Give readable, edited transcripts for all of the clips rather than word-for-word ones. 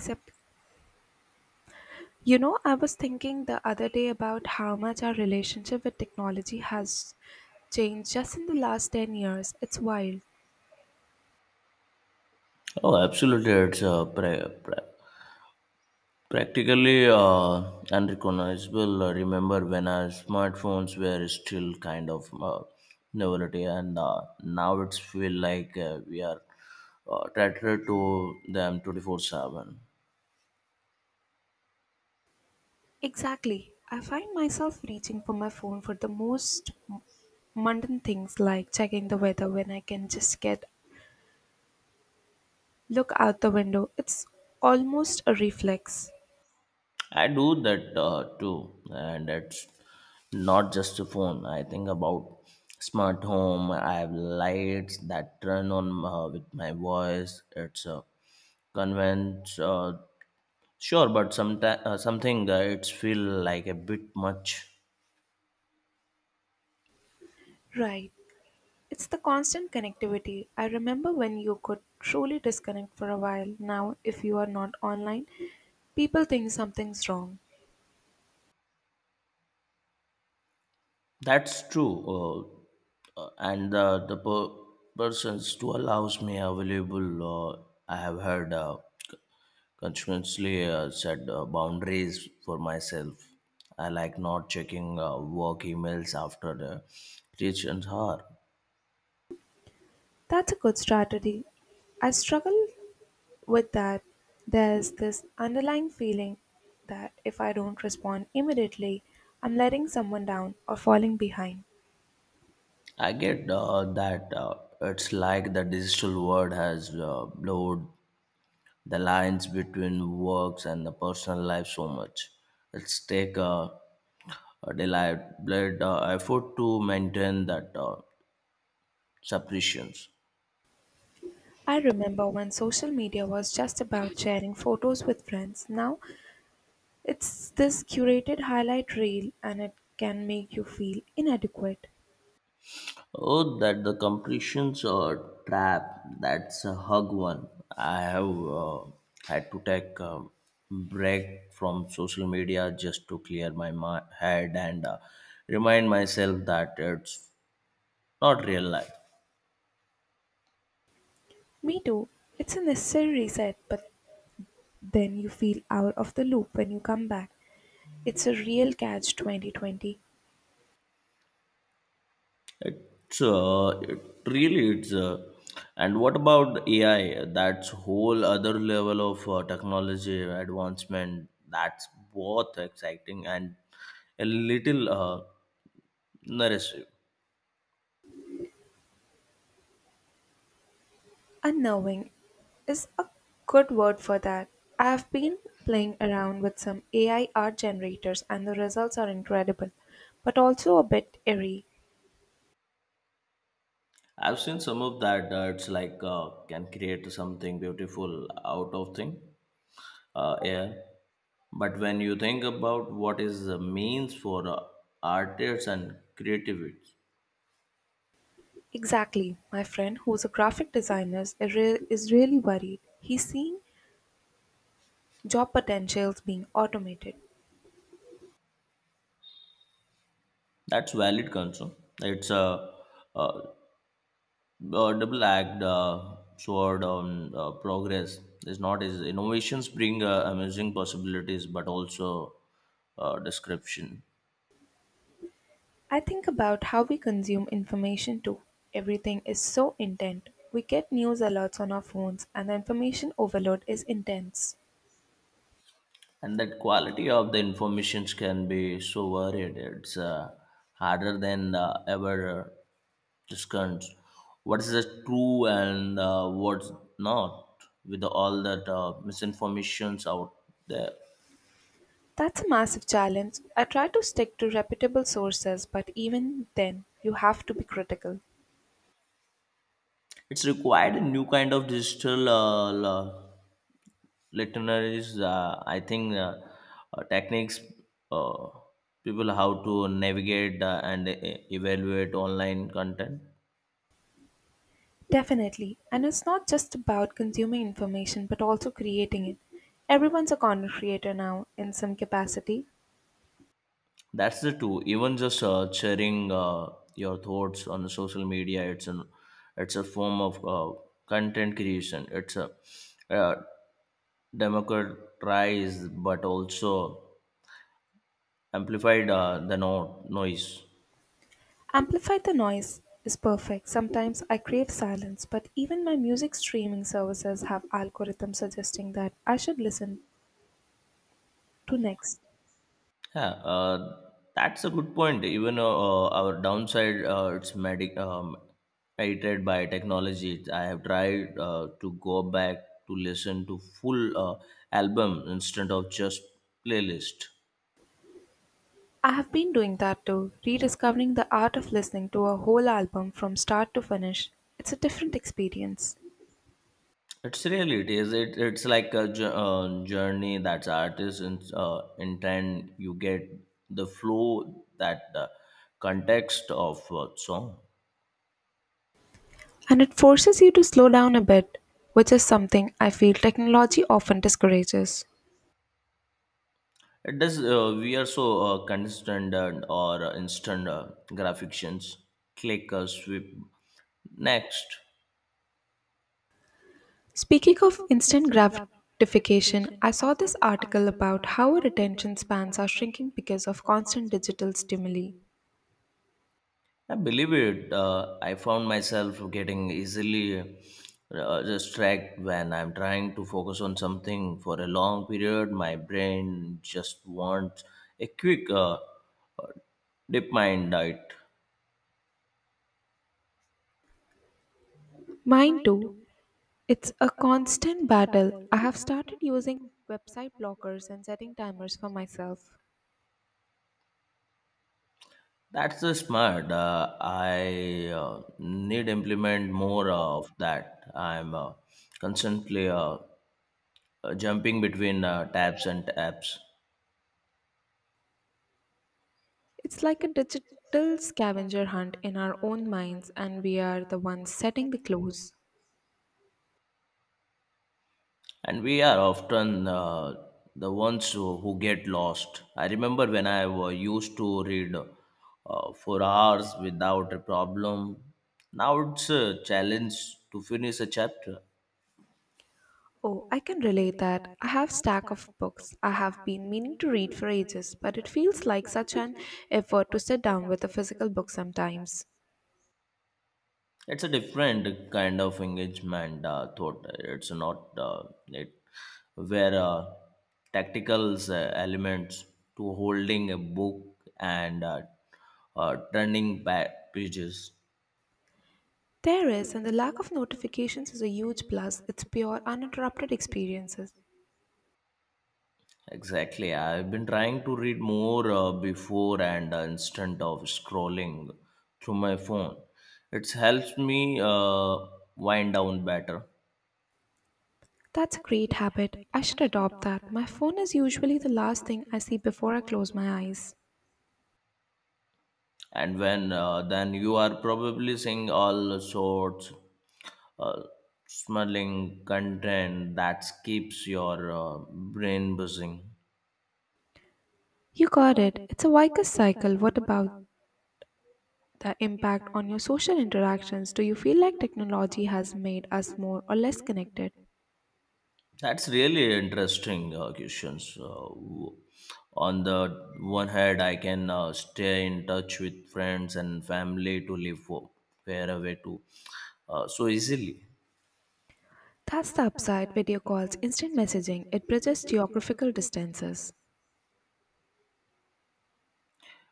Except, you know, I was thinking the other day about how much our relationship with technology has changed just in the last 10 years. It's wild. Oh, absolutely. It's practically unrecognizable. I remember when our smartphones were still kind of novelty, and now it's feel like we are tethered to them 24/7. Exactly. I find myself reaching for my phone for the most mundane things like checking the weather when I can just get look out the window. It's almost a reflex. I do that too, and it's not just a phone. I think about smart home. I have lights that turn on with my voice. It's a convince. Sure, but sometimes something it's feel like a bit much. Right. It's the constant connectivity. I remember when you could truly disconnect for a while. Now, if you are not online, people think something's wrong. That's true, and the persons to allows me available. I have heard consciously set boundaries for myself. I like not checking work emails after the reaching hour. That's a good strategy. I struggle with that. There's this underlying feeling that if I don't respond immediately, I'm letting someone down or falling behind. I get that, it's like the digital world has blurred the lines between works and the personal life so much. It's take a deliberate effort to maintain that separation. I remember when social media was just about sharing photos with friends. Now it's this curated highlight reel and it can make you feel inadequate. Oh, that the completions trap. That's a hug one. I have had to take a break from social media just to clear my head and remind myself that it's not real life. Me too. It's a necessary reset, but then you feel out of the loop when you come back. It's a real catch 2020. It's it really it's. And what about AI? That's whole other level of technology advancement. That's both exciting and a little narrative. Unknowing is a good word for that. I've been playing around with some AI art generators and the results are incredible, but also a bit eerie. I've seen some of that. It's like can create something beautiful out of thing, yeah. But when you think about what is the means for artists and creatives, Exactly. My friend, who's a graphic designer, is really worried. He's seeing job potentials being automated. that's valid concern. It's a uh, uh, double act sword on progress is not is innovations bring amazing possibilities but also description. I think about how we consume information too. Everything is so intent. We get news alerts on our phones, and the information overload is intense. And that quality of the informations can be so varied it's harder than ever discerns what is the true and what's not with all that misinformations out there. That's a massive challenge. I try to stick to reputable sources, but even then, you have to be critical. It's required a new kind of digital literaries, I think techniques uh, people how to navigate and evaluate online content. Definitely. And it's not just about consuming information, but also creating it. Everyone's a content creator now, in some capacity. That's the two. Even just sharing your thoughts on social media, it's a form of content creation. It's a uh, democratized but also amplified the noise. Amplify the noise is perfect. Sometimes I crave silence, but even my music streaming services have algorithms suggesting that I should listen to next. Yeah, that's a good point. Even our downside, it's medic mediated by technology. I have tried to go back to listen to full album instead of just playlist. I have been doing that too, rediscovering the art of listening to a whole album from start to finish. It's a different experience. It's really it is it, it's like a journey that's artist intent. You get the flow that the context of song. And it forces you to slow down a bit, which is something I feel technology often discourages. It does. We are so constant and or instant graphics. Click, sweep, next. Speaking of instant gratification, I saw this article about how our attention spans are shrinking because of constant digital stimuli. I believe it. I found myself getting easily distracted when I'm trying to focus on something for a long period. My brain just wants a quick uh, dip mind diet. Mine too. It's a constant battle. I have started using website blockers and setting timers for myself. That's smart. I need implement more of that. I'm constantly jumping between tabs and apps, It's like a digital scavenger hunt in our own minds, and we are the ones setting the clues. and we are often the ones who get lost. I remember when I used to read for hours without a problem. Now it's a challenge to finish a chapter. Oh, I can relate that. I have stack of books I have been meaning to read for ages, but it feels like such an effort to sit down with a physical book sometimes. It's a different kind of engagement thought it's not it where tactical elements to holding a book and turning back pages. There is, and the lack of notifications is a huge plus. It's pure, uninterrupted experiences. Exactly, I've been trying to read more before and instead of scrolling through my phone. It helps me wind down better. That's a great habit. I should adopt that. My phone is usually the last thing I see before I close my eyes. And when then you are probably seeing all sorts uh, smuggling content that keeps your brain buzzing. You got it. It's a Vickers cycle. What about the impact on your social interactions. Do you feel like technology has made us more or less connected? That's really interesting questions. On the one hand, I can stay in touch with friends and family to live for, far away too, so easily. That's the upside video calls, instant messaging. It bridges geographical distances.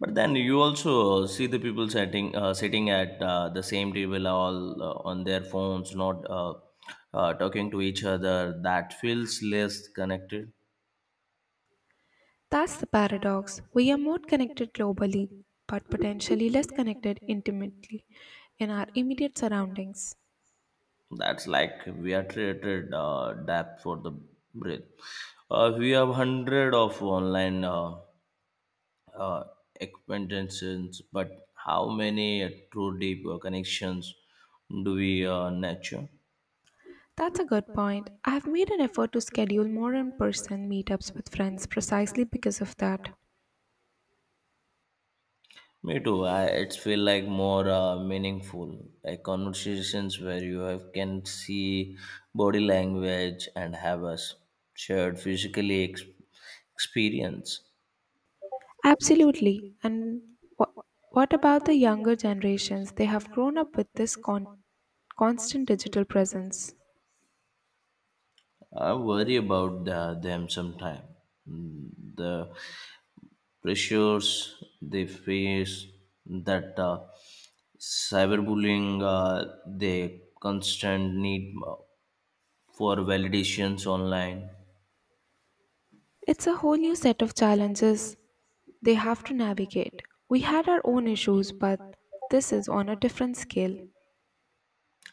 But then you also see the people sitting at the same table, all on their phones, not talking to each other. That feels less connected. That's the paradox. We are more connected globally, but potentially less connected intimately in our immediate surroundings. That's like we are treated dap for the breath. We have hundred of online uh, expansions, but how many true deep connections do we nurture? That's a good point. I have made an effort to schedule more in person meetups with friends precisely because of that. Me too. It feel like more meaningful, like conversations where can see body language and have a shared physically experience. Absolutely. And wha what about the younger generations? They have grown up with this constant digital presence. I worry about them sometimes. The pressures they face, that cyberbullying, the constant need for validations online. It's a whole new set of challenges they have to navigate. We had our own issues, but this is on a different scale.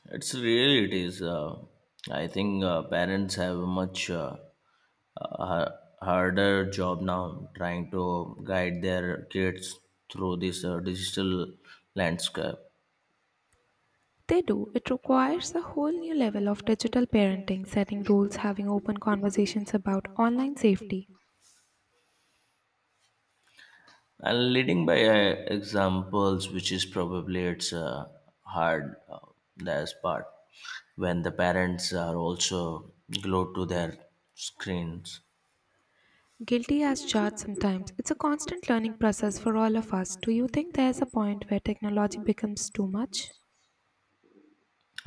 It's really, it is. I think parents have a much uh, harder job now trying to guide their kids through this digital landscape. They do. It requires a whole new level of digital parenting, setting rules, having open conversations about online safety. And leading by examples, which is probably it's hard, that's part when the parents are also glued to their screens. Guilty as charged sometimes. It's a constant learning process for all of us. Do you think there's a point where technology becomes too much?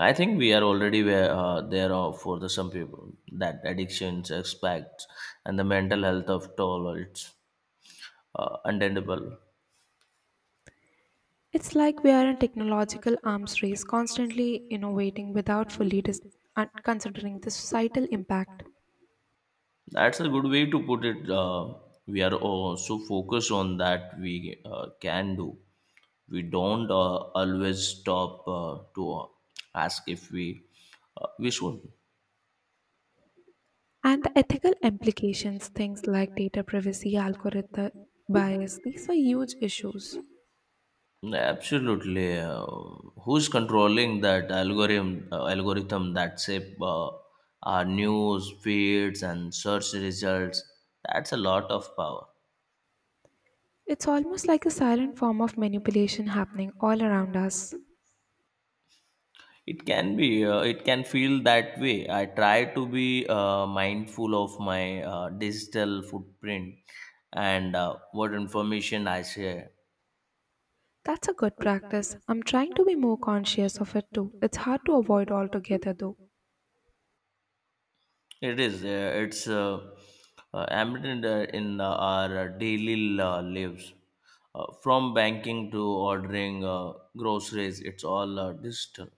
I think we are already where, there are for the some people that addictions expect, and the mental health of toll it's unattainable. It's like we are in a technological arms race, constantly innovating without fully considering the societal impact That's a good way to put it. We are all so focused on that we can do. We don't always stop to ask if we should. and the ethical implications, things like data privacy, algorithm bias. These are huge issues. Absolutely. Who's controlling that algorithm that shape our news feeds and search results? That's a lot of power. It's almost like a silent form of manipulation happening all around us. It can be, it can feel that way. I try to be mindful of my digital footprint and what information I share. That's a good practice. I'm trying to be more conscious of it too. It's hard to avoid altogether though. It is. It's embedded in our daily lives. From banking to ordering groceries, it's all digital.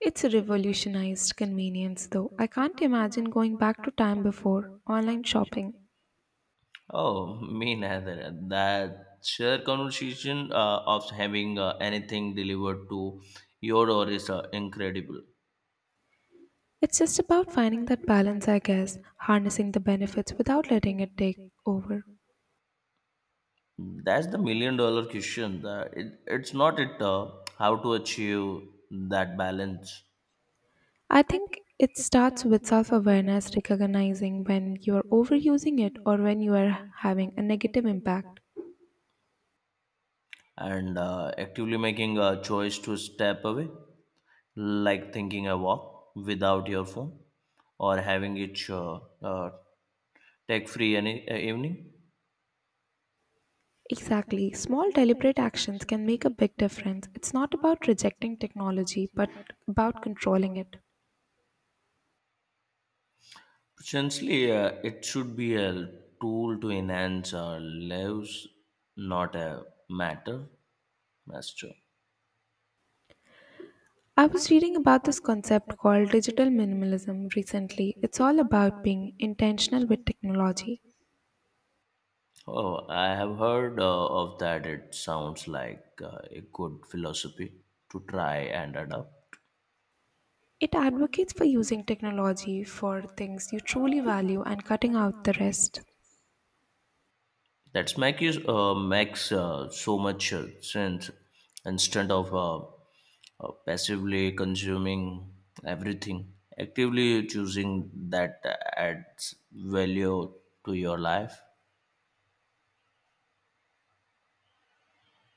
It's revolutionized convenience though. I can't imagine going back to time before online shopping. Oh, me neither. That sheer conversation of having anything delivered to your door is incredible. It's just about finding that balance, I guess, harnessing the benefits without letting it take over. That's the million dollar question. That it, it's not it How to achieve that balance? I think it starts with self awareness, recognizing when you are overusing it or when you are having a negative impact. And actively making a choice to step away. Like thinking a walk without your phone, or having it tech free any evening. Exactly. Small deliberate actions can make a big difference. It's not about rejecting technology, but about controlling it. Essentially, it should be a tool to enhance our lives, not a matter master. I was reading about this concept called digital minimalism recently. It's all about being intentional with technology. Oh, I have heard of that. It sounds like a good philosophy to try and adopt. It advocates for using technology for things you truly value and cutting out the rest. That's make you makes so much sense, instead of passively consuming everything. Actively choosing that adds value to your life.